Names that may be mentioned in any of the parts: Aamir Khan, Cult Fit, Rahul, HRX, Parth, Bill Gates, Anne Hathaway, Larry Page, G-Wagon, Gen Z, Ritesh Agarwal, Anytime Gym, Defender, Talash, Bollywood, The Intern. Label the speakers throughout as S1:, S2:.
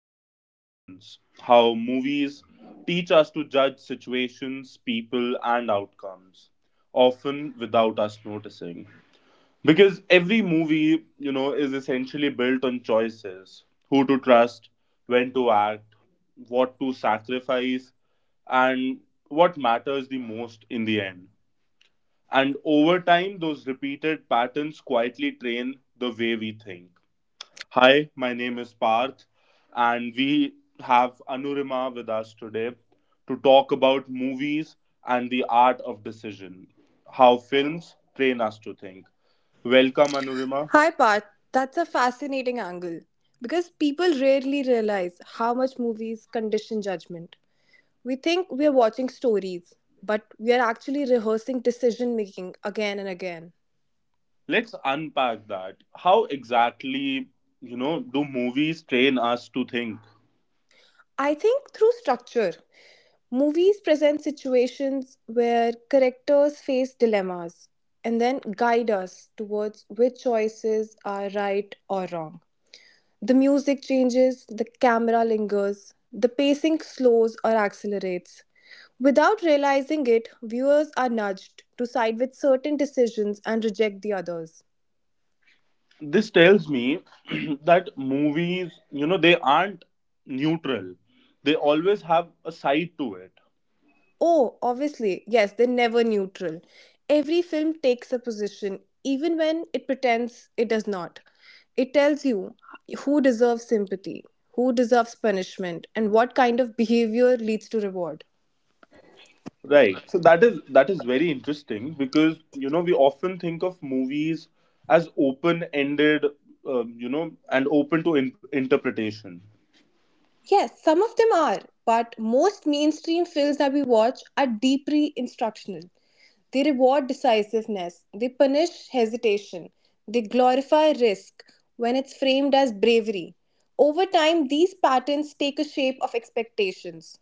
S1: about decisions, how movies teach us to judge situations, people and outcomes, often without us noticing. Because every movie, is essentially built on choices: who to trust, when to act, what to sacrifice, and what matters the most in the end. And over time, those repeated patterns quietly train the way we think. Hi, my name is Parth, and we have Anurima with us today to talk about movies and the art of decision, how films train us to think. Welcome, Anurima.
S2: Hi, Parth. That's a fascinating angle because people rarely realize how much movies condition judgment. We think we are watching stories, but we are actually rehearsing decision making again and again.
S1: Let's unpack that. How exactly, do movies train us to think?
S2: I think through structure, movies present situations where characters face dilemmas and then guide us towards which choices are right or wrong. The music changes, the camera lingers, the pacing slows or accelerates. Without realizing it, viewers are nudged to side with certain decisions and reject the others.
S1: This tells me that movies, you know, they aren't neutral. They always have a side to it.
S2: Oh, obviously, yes, they're never neutral. Every film takes a position, even when it pretends it does not. It tells you who deserves sympathy, who deserves punishment, and what kind of behavior leads to reward.
S1: Right. So that is very interesting, because you know we often think of movies as open-ended, you know, and open to interpretation.
S2: Yes, some of them are, but most mainstream films that we watch are deeply instructional. They reward decisiveness, they punish hesitation, they glorify risk when it's framed as bravery. Over time, these patterns take a shape of expectations.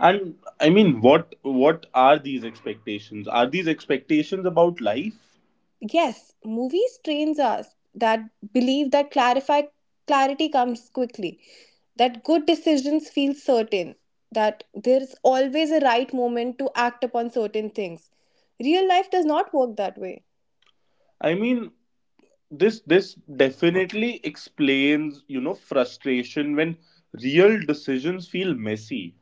S1: And I mean, what are these expectations? Are these expectations about life?
S2: Yes, movies trains us that believe that clarify clarity comes quickly, that good decisions feel certain, that there is always a right moment to act upon certain things. Real life does not work that way.
S1: I mean, this definitely explains you know frustration when real decisions feel messy.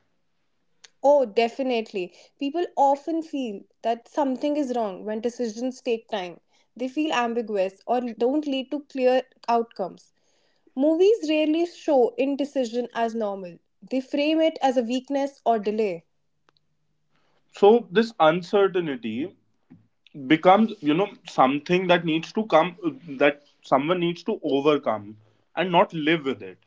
S2: Oh, definitely. People often feel that something is wrong when decisions take time. They feel ambiguous or don't lead to clear outcomes. Movies rarely show indecision as normal. They frame it as a weakness or delay.
S1: So this uncertainty becomes you know something that needs to come, that someone needs to overcome and not live with it.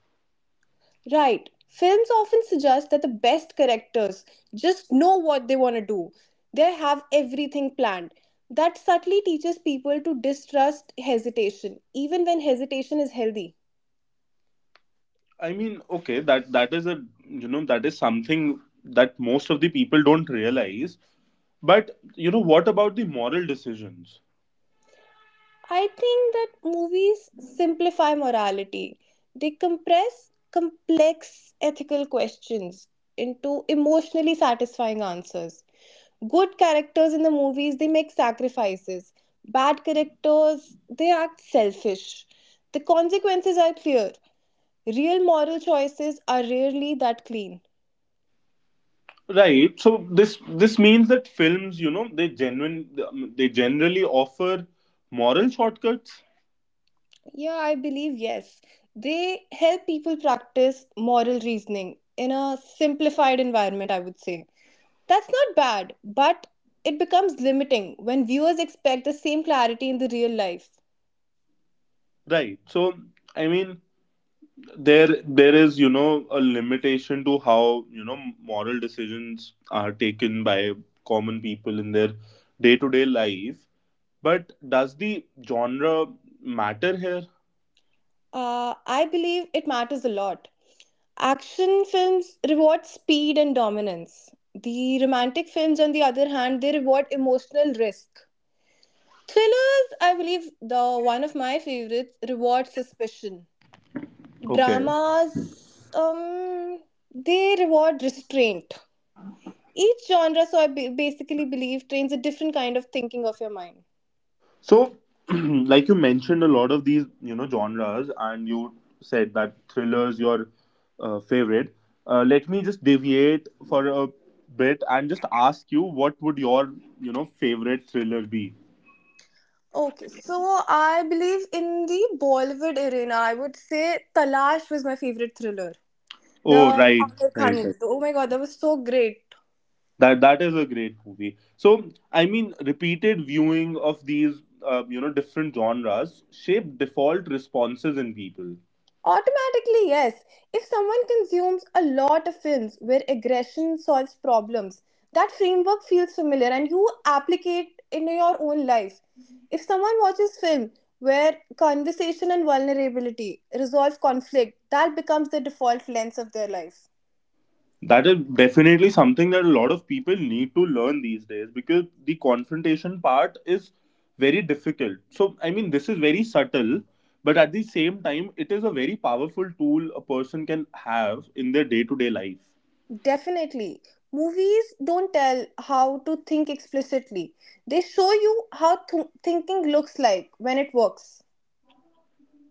S2: Right. Films often suggest that the best characters just know what they want to do. They have everything planned. That subtly teaches people to distrust hesitation, even when hesitation is healthy.
S1: I mean, okay, that that is a you know that is something that most of the people don't realize, but you know what about the moral decisions?
S2: I think that movies simplify morality. They compress complex ethical questions into emotionally satisfying answers. Good characters in the movies, they make sacrifices. Bad characters, they act selfish. The consequences are clear. Real moral choices are rarely that clean.
S1: Right, so this means that films you know they generally offer moral shortcuts.
S2: Yeah, I believe yes. They help people practice moral reasoning in a simplified environment, I would say. That's not bad, but it becomes limiting when viewers expect the same clarity in the real life.
S1: Right, so I mean there there is you know a limitation to how you know moral decisions are taken by common people in their day to day life, but does the genre matter here?
S2: I believe it matters a lot. Action films reward speed and dominance. The romantic films, on the other hand, they reward emotional risk. Thrillers, I believe, the one of my favorites, reward suspicion.
S1: Okay,
S2: Dramas, um, they reward restraint. Each genre, so I basically believe, trains a different kind of thinking of your mind.
S1: so like you mentioned a lot of these you know genres, and you said that thrillers your favorite. Let me just deviate for a bit and just ask you, what would your you know favorite thriller be?
S2: Okay, so I believe in the Bollywood arena, I would say Talash was my favorite thriller.
S1: Oh,
S2: The
S1: right,
S2: Aamir
S1: right.
S2: Khan, oh my god, that was so great.
S1: That that is a great movie. So I mean, repeated viewing of these, you know, different genres shape default responses in people.
S2: Automatically, yes. If someone consumes a lot of films where aggression solves problems, that framework feels familiar and you applicate it in your own life. If someone watches film where conversation and vulnerability resolve conflict, that becomes the default lens of their life.
S1: That is definitely something that a lot of people need to learn these days, because the confrontation part is very difficult. So I mean, this is very subtle, but at the same time, it is a very powerful tool a person can have in their day to day life.
S2: Definitely. Movies don't tell how to think explicitly. They show you how thinking looks like when it works.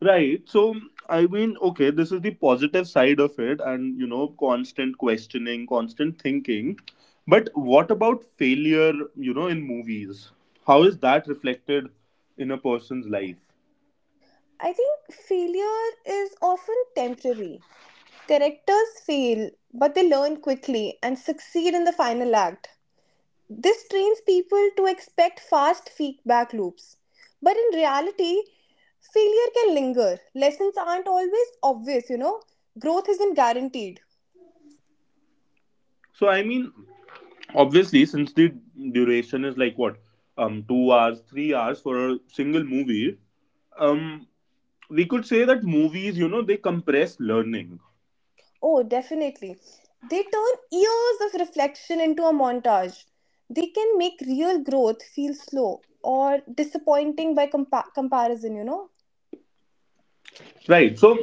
S1: Right. So, I mean, okay, this is the positive side of it, and you know, constant questioning, constant thinking. But what about failure, you know, in movies? How is that reflected in a person's life?
S2: I think failure is often temporary. Characters fail, but they learn quickly and succeed in the final act. This trains people to expect fast feedback loops. But in reality, failure can linger. Lessons aren't always obvious, you know. Growth isn't guaranteed.
S1: So, I mean, obviously, since the duration is like what, 2 hours, 3 hours for a single movie, um, we could say that movies, you know, they compress learning.
S2: Oh, definitely. They turn years of reflection into a montage. They can make real growth feel slow or disappointing by comparison, you know?
S1: Right. So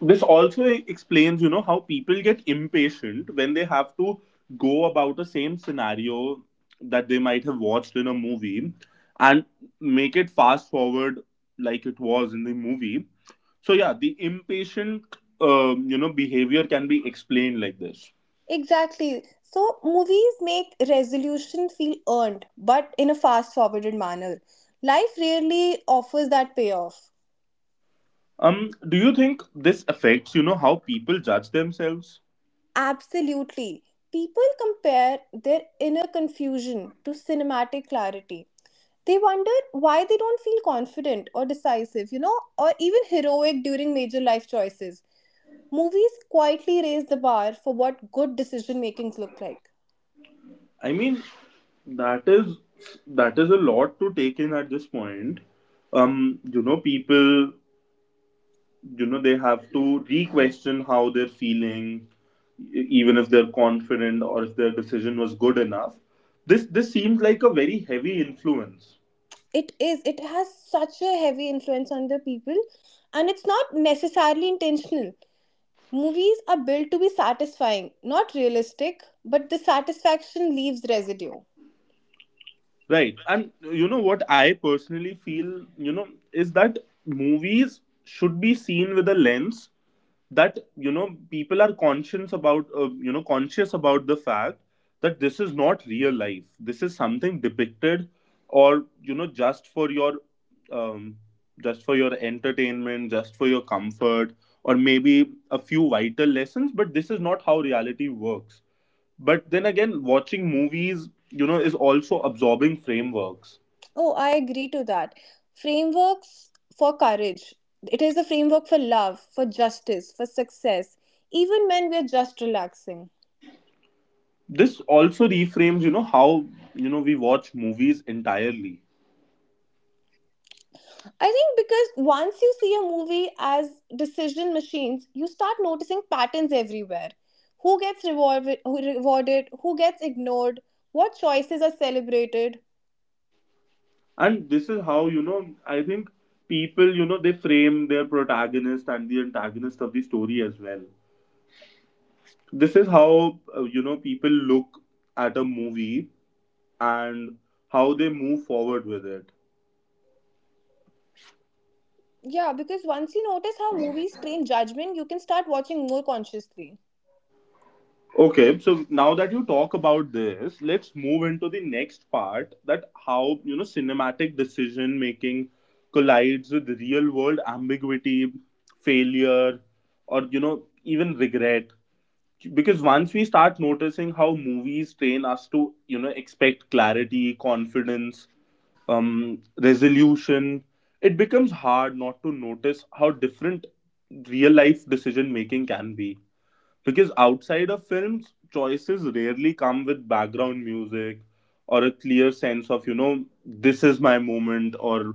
S1: this also explains, you know, how people get impatient when they have to go about the same scenario that they might have watched in a movie and make it fast forward like it was in the movie. So yeah, the impatient, you know, behavior can be explained like this.
S2: Exactly. So, movies make resolution feel earned, but in a fast forwarded manner. Life rarely offers that payoff.
S1: Do you think this affects, you know, how people judge themselves?
S2: Absolutely. People compare their inner confusion to cinematic clarity. They wonder why they don't feel confident or decisive, you know, or even heroic during major life choices. Movies quietly raise the bar for what good decision makings look like.
S1: I mean, that is that is a lot to take in at this point. You know, people, you know, they have to re-question how they're feeling, even if they're confident or if their decision was good enough. This seems like a very heavy influence,
S2: It is, it has such a heavy influence on the people, and it's not necessarily intentional. Movies are built to be satisfying, not realistic, but the satisfaction leaves residue.
S1: right? And you know what I personally feel, you know, is that movies should be seen with a lens that you know people are conscious about, you know, conscious about the fact that this is not real life, this is something depicted, or you know, um, just for your entertainment, just for your comfort, or maybe a few vital lessons, but this is not how reality works. But then again, watching movies you know is also absorbing frameworks.
S2: Oh, I agree to that. Frameworks for courage. It is a framework for love, for justice, for success, even when we are just relaxing.
S1: This also reframes you know how you know we watch movies entirely.
S2: I think because once you see a movie as decision machines, you start noticing patterns everywhere. Who gets rewarded, who gets ignored, what choices are celebrated.
S1: And this is how, you know, I think people, you know, they frame their protagonist and the antagonist of the story as well. This is how, you know, people look at a movie and how they move forward with it.
S2: Yeah, because once you notice how movies train judgment, you can start watching more consciously.
S1: Okay, so now that you talk about this, let's move into the next part: that how, you know, cinematic decision making collides with real world ambiguity, failure, or, you know, even regret. Because once we start noticing how movies train us to you know expect clarity, confidence, resolution, it becomes hard not to notice how different real life decision making can be, because outside of films, choices rarely come with background music or a clear sense of you know this is my moment, or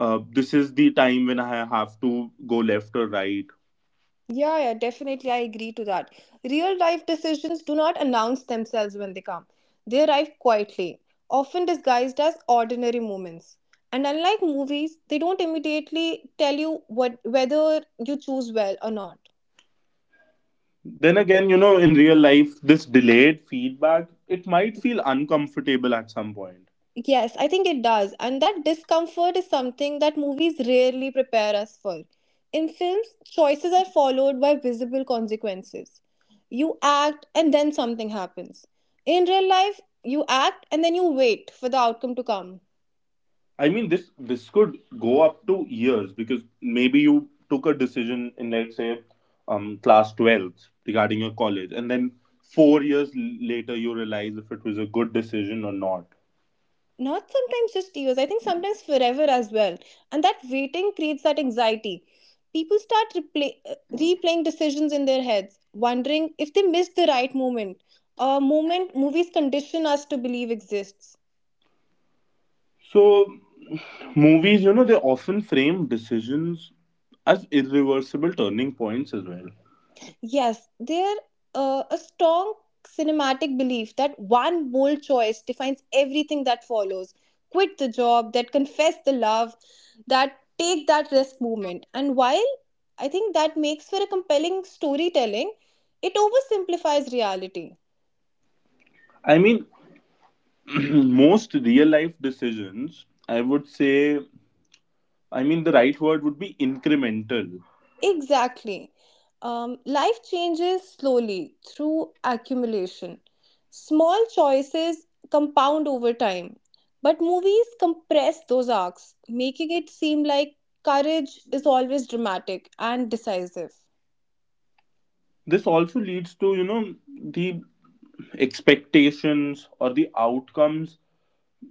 S1: this is the time when I have to go left or right.
S2: Yeah, yeah, definitely. I agree to that. Real life decisions do not announce themselves when they come, they arrive quietly, often disguised as ordinary moments. And unlike movies, they don't immediately tell you what, whether you choose well or not.
S1: Then again, you know, in real life, this delayed feedback, it might feel uncomfortable at some point.
S2: Yes, I think it does. And that discomfort is something that movies rarely prepare us for. In films, choices are followed by visible consequences. You act and then something happens. In real life, you act and then you wait for the outcome to come.
S1: I mean, this could go up to years, because maybe you took a decision in let's say class 12th regarding your college, and then 4 years later you realize if it was a good decision or not.
S2: Not sometimes just years, I think sometimes forever as well. And that waiting creates that anxiety. People start replaying decisions in their heads, wondering if they missed the right moment. A moment movies condition us to believe exists.
S1: So movies, you know, they often frame decisions as irreversible turning points as well.
S2: Yes, there a strong cinematic belief that one bold choice defines everything that follows. Quit the job, that confess the love, that take that risk movement. And while I think that makes for a compelling storytelling, it oversimplifies reality.
S1: I mean, most real life decisions, I would say, I mean, the right word would be incremental.
S2: Exactly. Life changes slowly through accumulation. Small choices compound over time, but movies compress those arcs, making it seem like courage is always dramatic and decisive.
S1: This also leads to, you know, the expectations or the outcomes.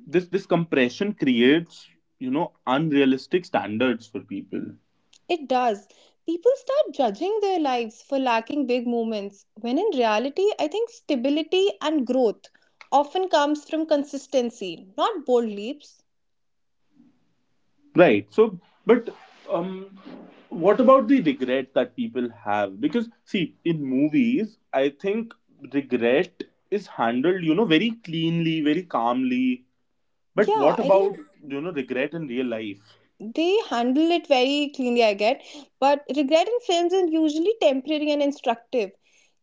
S1: This compression creates, you know, unrealistic standards for people.
S2: It does. People start judging their lives for lacking big moments, when in reality, I think stability and growth often comes from consistency, not bold leaps.
S1: Right. So, but um, what about the regret that people have? Because see, in movies, I think regret is handled, you know, very cleanly, very calmly. But
S2: Yeah,
S1: what
S2: I
S1: about
S2: think
S1: you know regret in real life?
S2: they handle it very cleanly I get but regret in films is usually temporary and instructive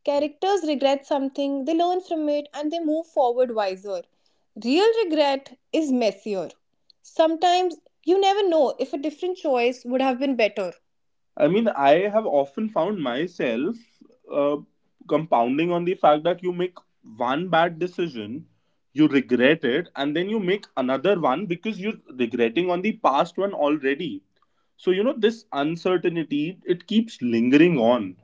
S2: characters regret something they learn from it and they move forward wiser real regret is messier sometimes you never know if a different choice would have been better.
S1: I mean, I have often found myself uh, compounding on the fact that you make one bad decision, you regret it, and then you make another one because you're regretting on the past one already. So, you know, this uncertainty, it keeps lingering on.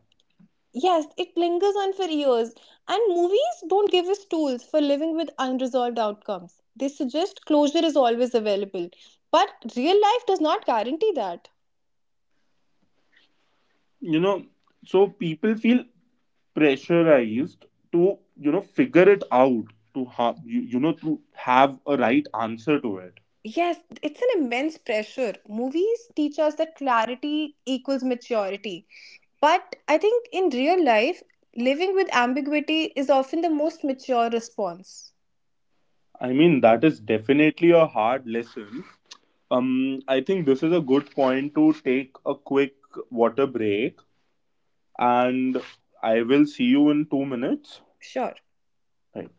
S2: Yes, it lingers on for years and movies don't give us tools for living with unresolved outcomes. They suggest closure is always available but real life does not guarantee that.
S1: You know, so people feel pressurized to, you know, figure it out, to have, you know, to have a right answer to it.
S2: Yes, it's an immense pressure. Movies teach us that clarity equals maturity. But I think in real life, living with ambiguity is often the most mature response.
S1: I mean, that is definitely a hard lesson. I think this is a good point to take a quick water break, and I will see you in 2 minutes.
S2: Sure.
S1: Right.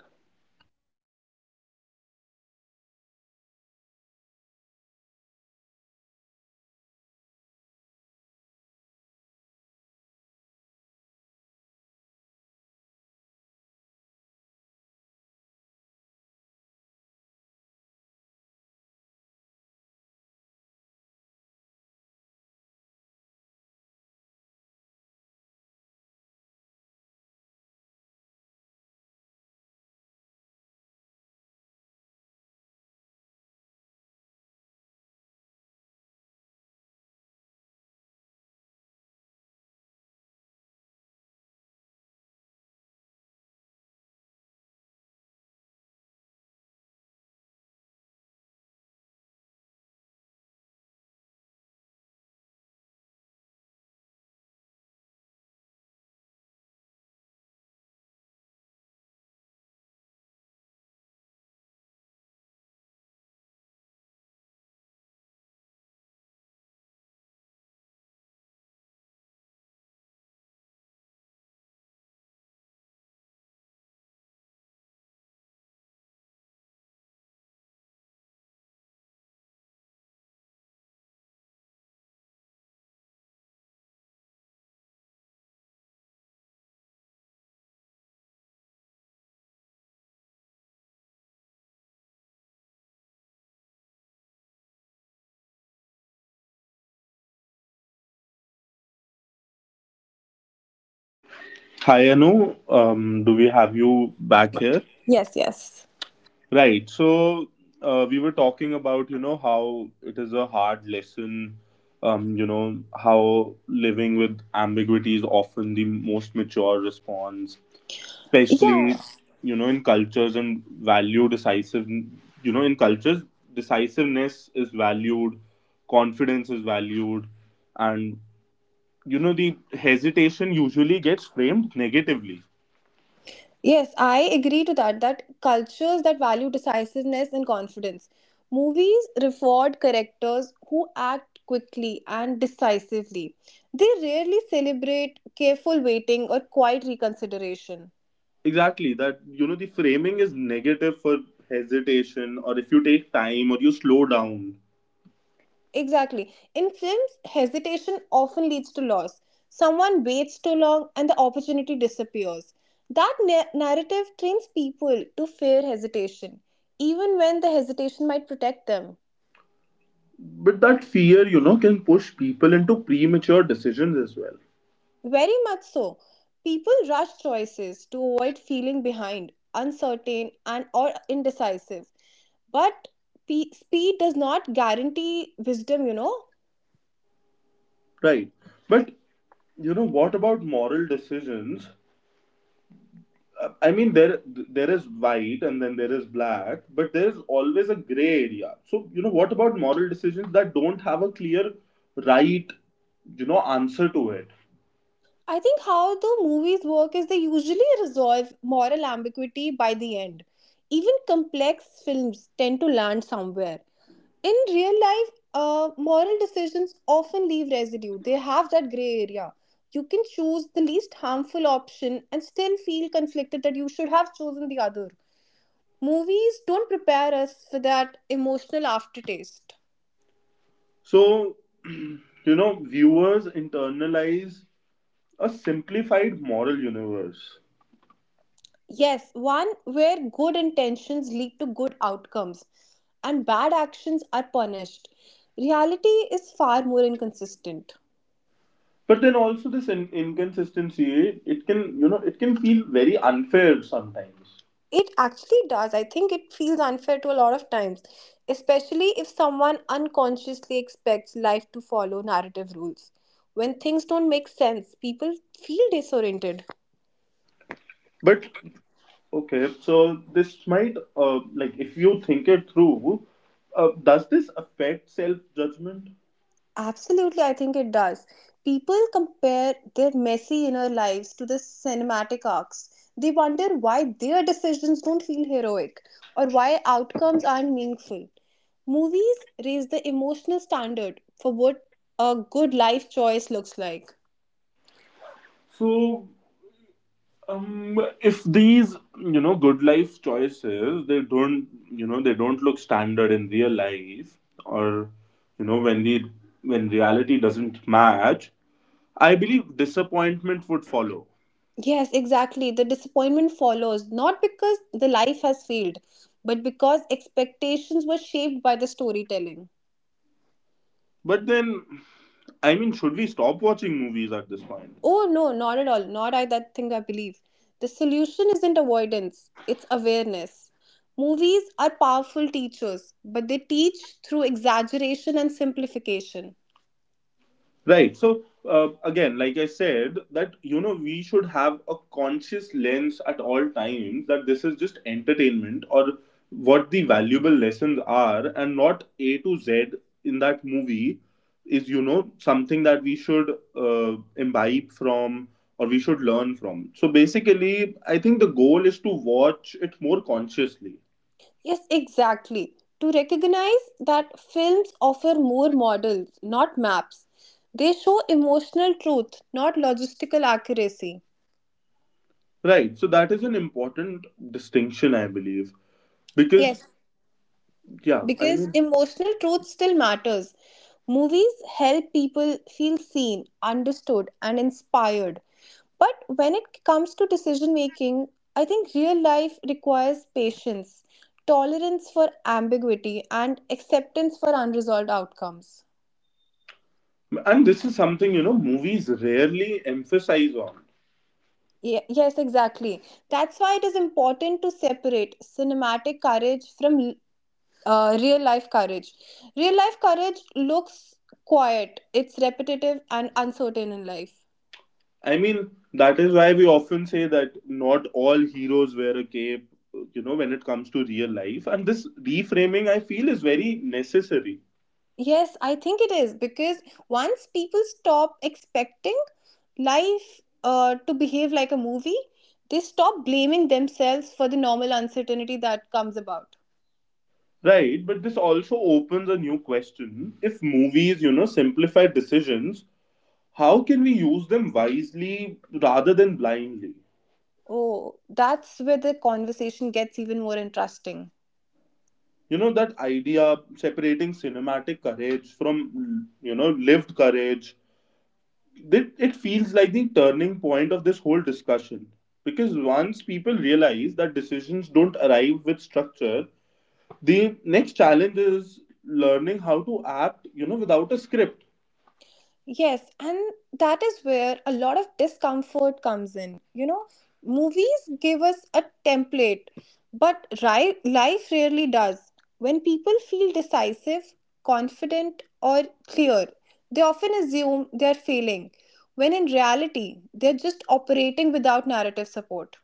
S1: Hi, Anu. Do we have you back here?
S2: Yes, yes.
S1: Right. So we were talking about you know how it is a hard lesson. You know how living with ambiguity is often the most mature response,
S2: Yeah.
S1: especially you know in cultures and value decisive you know in cultures decisiveness is valued, confidence is valued, and you know the hesitation usually gets framed negatively.
S2: Yes, I agree to that. That cultures that value decisiveness and confidence. Movies reward characters who act quickly and decisively. They rarely celebrate careful waiting or quiet reconsideration.
S1: Exactly, that you know the framing is negative for hesitation, or if you take time or you slow down.
S2: Exactly. In films, hesitation often leads to loss. Someone waits too long and the opportunity disappears. That narrative trains people to fear hesitation, even when the hesitation might protect them.
S1: But that fear you know can push people into premature decisions as well.
S2: Very much so. People rush choices to avoid feeling behind, uncertain, and or indecisive. But speed does not guarantee wisdom, you know.
S1: Right, but you know what about moral decisions? I mean, there is white and then there is black, but there is always a gray area. So you know, what about moral decisions that don't have a clear right, you know, answer to it?
S2: I think how the movies work is they usually resolve moral ambiguity by the end. Even complex films tend to land somewhere. In real life, moral decisions often leave residue. They have that gray area. You can choose the least harmful option and still feel conflicted that you should have chosen the other. Movies don't prepare us for that emotional aftertaste.
S1: So you know, viewers internalize a simplified moral universe.
S2: Yes, one where good intentions lead to good outcomes and bad actions are punished. Reality is far more inconsistent.
S1: But then also this inconsistency, it can you know it can feel very unfair sometimes.
S2: It actually does. I think it feels unfair to a lot of times, especially if someone unconsciously expects life to follow narrative rules. When things don't make sense, people feel disoriented.
S1: But okay, so this might, like, if you think it through, does this affect self judgment?
S2: Absolutely, I think it does. People compare their messy inner lives to the cinematic arcs. They wonder why their decisions don't feel heroic or why outcomes aren't meaningful. Movies raise the emotional standard for what a good life choice looks like.
S1: So, if these you know good life choices they don't you know they don't look standard in real life, or you know when the when reality doesn't match, I believe disappointment would follow.
S2: Yes, exactly. The disappointment follows not because the life has failed, but because expectations were shaped by the storytelling.
S1: But then, I mean, should we stop watching movies at this point?
S2: Oh, no, not at all. Not I that thing I believe. The solution isn't avoidance, it's awareness. Movies are powerful teachers, but they teach through exaggeration and simplification.
S1: Right. So again, like I said, that you know we should have a conscious lens at all times, that this is just entertainment or what the valuable lessons are, and not A to Z in that movie is you know something that we should imbibe from or we should learn from. So basically, I think the goal is to watch it more consciously.
S2: Yes, exactly. To recognize that films offer more models, not maps. They show emotional truth, not logistical accuracy.
S1: Right. So that is an important distinction, I believe,
S2: Yes,
S1: because yeah, I
S2: because
S1: mean,
S2: emotional truth still matters. Movies help people feel seen, understood, and inspired. But when it comes to decision making, I think real life requires patience, tolerance for ambiguity, and acceptance for unresolved outcomes.
S1: and this is something, you know, movies rarely emphasize on.
S2: Yes, exactly. That's why it is important to separate cinematic courage from real life courage. Real life courage looks quiet, it's repetitive and uncertain in life.
S1: I mean, that is why we often say that not all heroes wear a cape, you know, when it comes to real life. And this reframing, I feel, is very necessary.
S2: Yes, I think it is because once people stop expecting life to behave like a movie, they stop blaming themselves for the normal uncertainty that comes about.
S1: Right, but this also opens a new question. If movies, you know, simplify decisions, how can we use them wisely rather than blindly?
S2: Oh, that's where the conversation gets even more interesting.
S1: You know, that idea separating cinematic courage from, you know, lived courage. It feels like the turning point of this whole discussion because once people realize that decisions don't arrive with structure, the next challenge is learning how to act, you know, without a script.
S2: Yes, and that is where a lot of discomfort comes in. You know, movies give us a template, but life rarely does. When people feel decisive, confident, or clear, they often assume they're failing, when in reality, they're just operating without narrative support.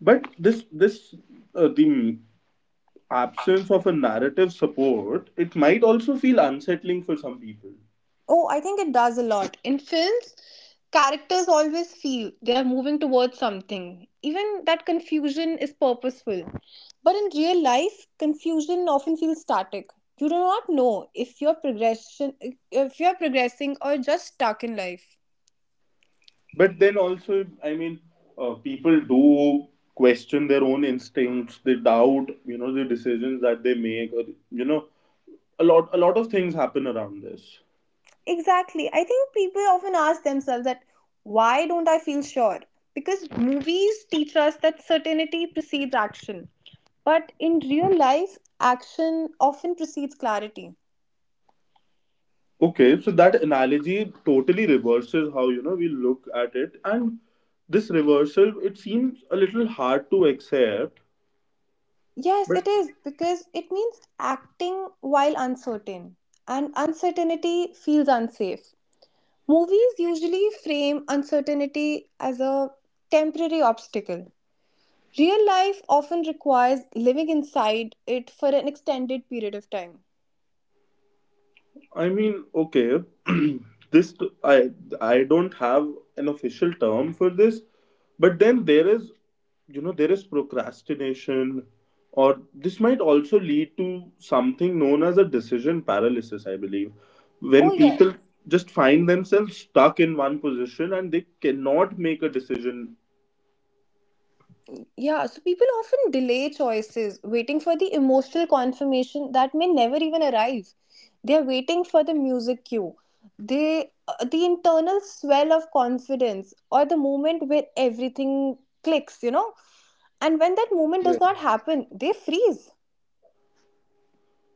S1: But this the absence of a narrative support, it might also feel unsettling for some people.
S2: Oh, I think it does a lot. In films, characters always feel they are moving towards something. Even that confusion is purposeful. But in real life, confusion often feels static. You do not know if you're progression if you're progressing or just stuck in life.
S1: But then also, I mean, people do question their own instincts. They doubt, you know, the decisions that they make, or you know, a lot of things happen around this.
S2: Exactly. I think people often ask themselves that why don't I feel sure? Because movies teach us that certainty precedes action. But in real life, action often precedes clarity.
S1: Okay, so that analogy totally reverses how, you know, we look at it, and this reversal, it seems a little hard to accept,
S2: Yes,
S1: but.
S2: it is because it means acting while uncertain, and uncertainty feels unsafe. Movies usually frame uncertainty as a temporary obstacle. Real life often requires living inside it for an extended period of time.
S1: I mean, okay, this t- I I don't have an official term for this, but then there is, you know, there is procrastination, or this might also lead to something known as a decision paralysis. I believe when
S2: Oh,
S1: people
S2: yes.
S1: just find themselves stuck in one position and they cannot make a decision.
S2: Yeah, so people often delay choices, waiting for the emotional confirmation that may never even arrive. They are waiting for the music cue, the internal swell of confidence, or the moment where everything clicks, you know. And when that moment does
S1: Right.
S2: not happen, they freeze.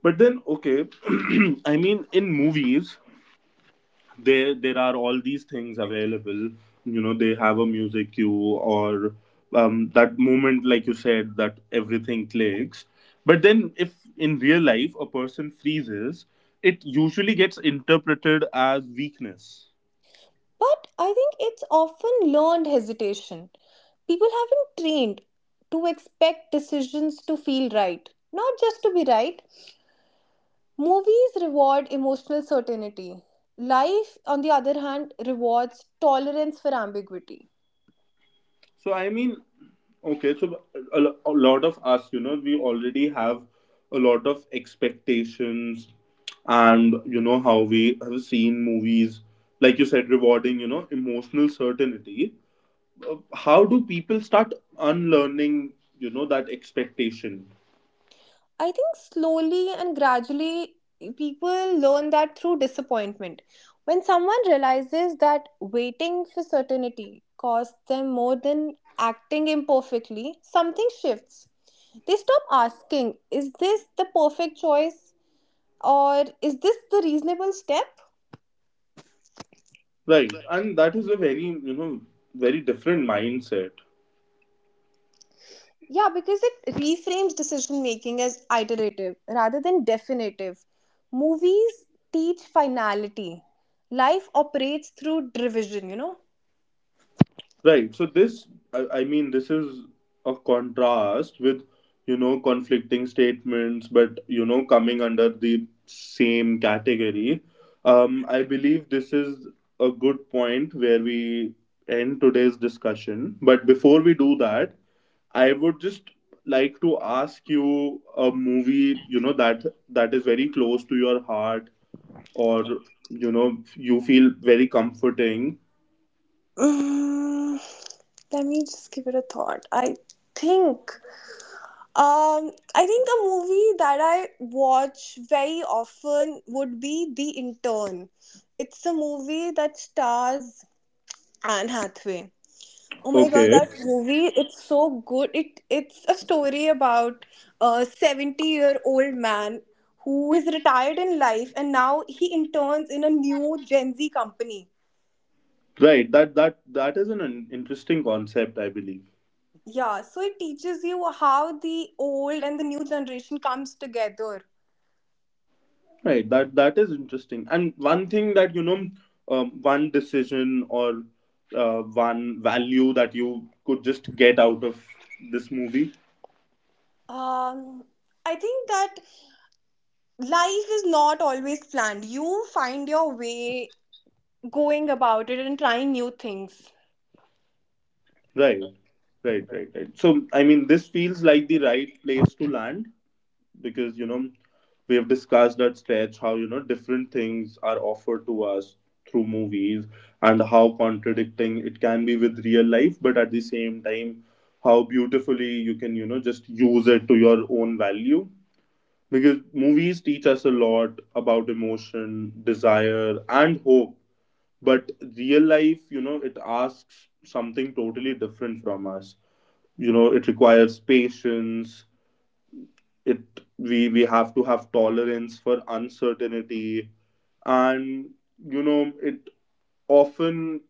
S1: But then, okay, I mean, in movies, there are all these things available. You know, they have a music cue, or that moment, like you said, that everything clicks. But then if in real life a person freezes, it usually gets interpreted as weakness.
S2: But I think it's often learned hesitation. People have been trained to expect decisions to feel right, not just to be right. Movies reward emotional certainty. Life, on the other hand, rewards tolerance for ambiguity.
S1: So I mean, okay, so a lot of us, you know, we already have a lot of expectations, and you know how we have seen movies, like you said, rewarding, you know, emotional certainty. How do people start unlearning, you know, that expectation?
S2: I think slowly and gradually people learn that through disappointment. When someone realizes that waiting for certainty costs them more than acting imperfectly, something shifts. They stop asking, is this the perfect choice or is this the reasonable step?
S1: Right, and that is a very, you know, very different mindset.
S2: Yeah, because it reframes decision making as iterative rather than definitive. Movies teach finality. Life operates through derision, you know?
S1: Right. So this, I mean, this is a contrast with, you know, conflicting statements, but, you know, coming under the same category. I believe this is a good point where we end today's discussion. But before we do that, I would just like to ask you a movie, you know, that that is very close to your heart, or, you know, you feel very comforting.
S2: Mm, Let me just give it a thought. Think I think the movie that I watch very often would be The Intern. It's a movie that stars Anne Hathaway. Oh my god,
S1: Okay.
S2: that movie, it's so good. It it's a story about a 70-year-old man who is retired in life and now he interns in a new Gen Z company.
S1: Right. That is an interesting concept, I believe.
S2: Yeah, so it teaches you how the old and the new generation comes together.
S1: Right. That that is interesting. And one thing that, you know, one decision or one value that you could just get out of this movie.
S2: Um I think that life is not always planned. You find your way going about it and trying new things.
S1: Right. Right. Right. Right. So I mean, this feels like the right place to land, because, you know, we have discussed that stretch, how, you know, different things are offered to us through movies, and how contradicting it can be with real life, but at the same time, how beautifully you can, you know, just use it to your own value. Because movies teach us a lot about emotion, desire, and hope, but real life, you know, it asks something totally different from us. You know, it requires patience. It, we have to have tolerance for uncertainty, and, you know, it often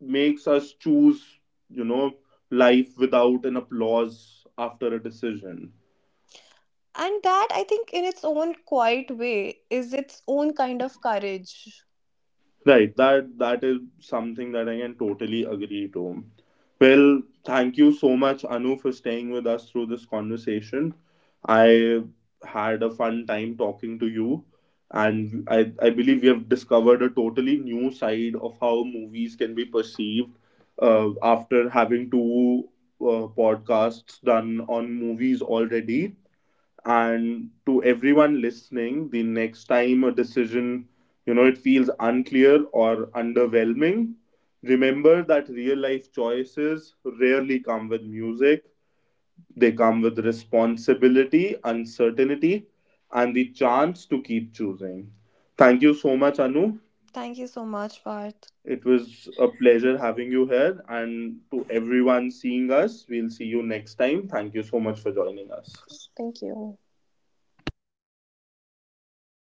S1: makes us choose, you know, life without an applause after a decision.
S2: And that, I think, in its own quiet way, is its own kind of courage.
S1: Right, that that is something that I can totally agree to. Well, thank you so much, Anu, for staying with us through this conversation. I had a fun time talking to you, and I believe we have discovered a totally new side of how movies can be perceived, after having 2 podcasts done on movies already. And to everyone listening, the next time a decision, you know, it feels unclear or underwhelming, remember that real life choices rarely come with music. They come with responsibility, uncertainty, and the chance to keep choosing. Thank you so much, Anu.
S2: Thank you so much, Parth.
S1: It was a pleasure having you here. And to everyone seeing us, we'll see you next time. Thank you so much for joining us.
S2: Thank you.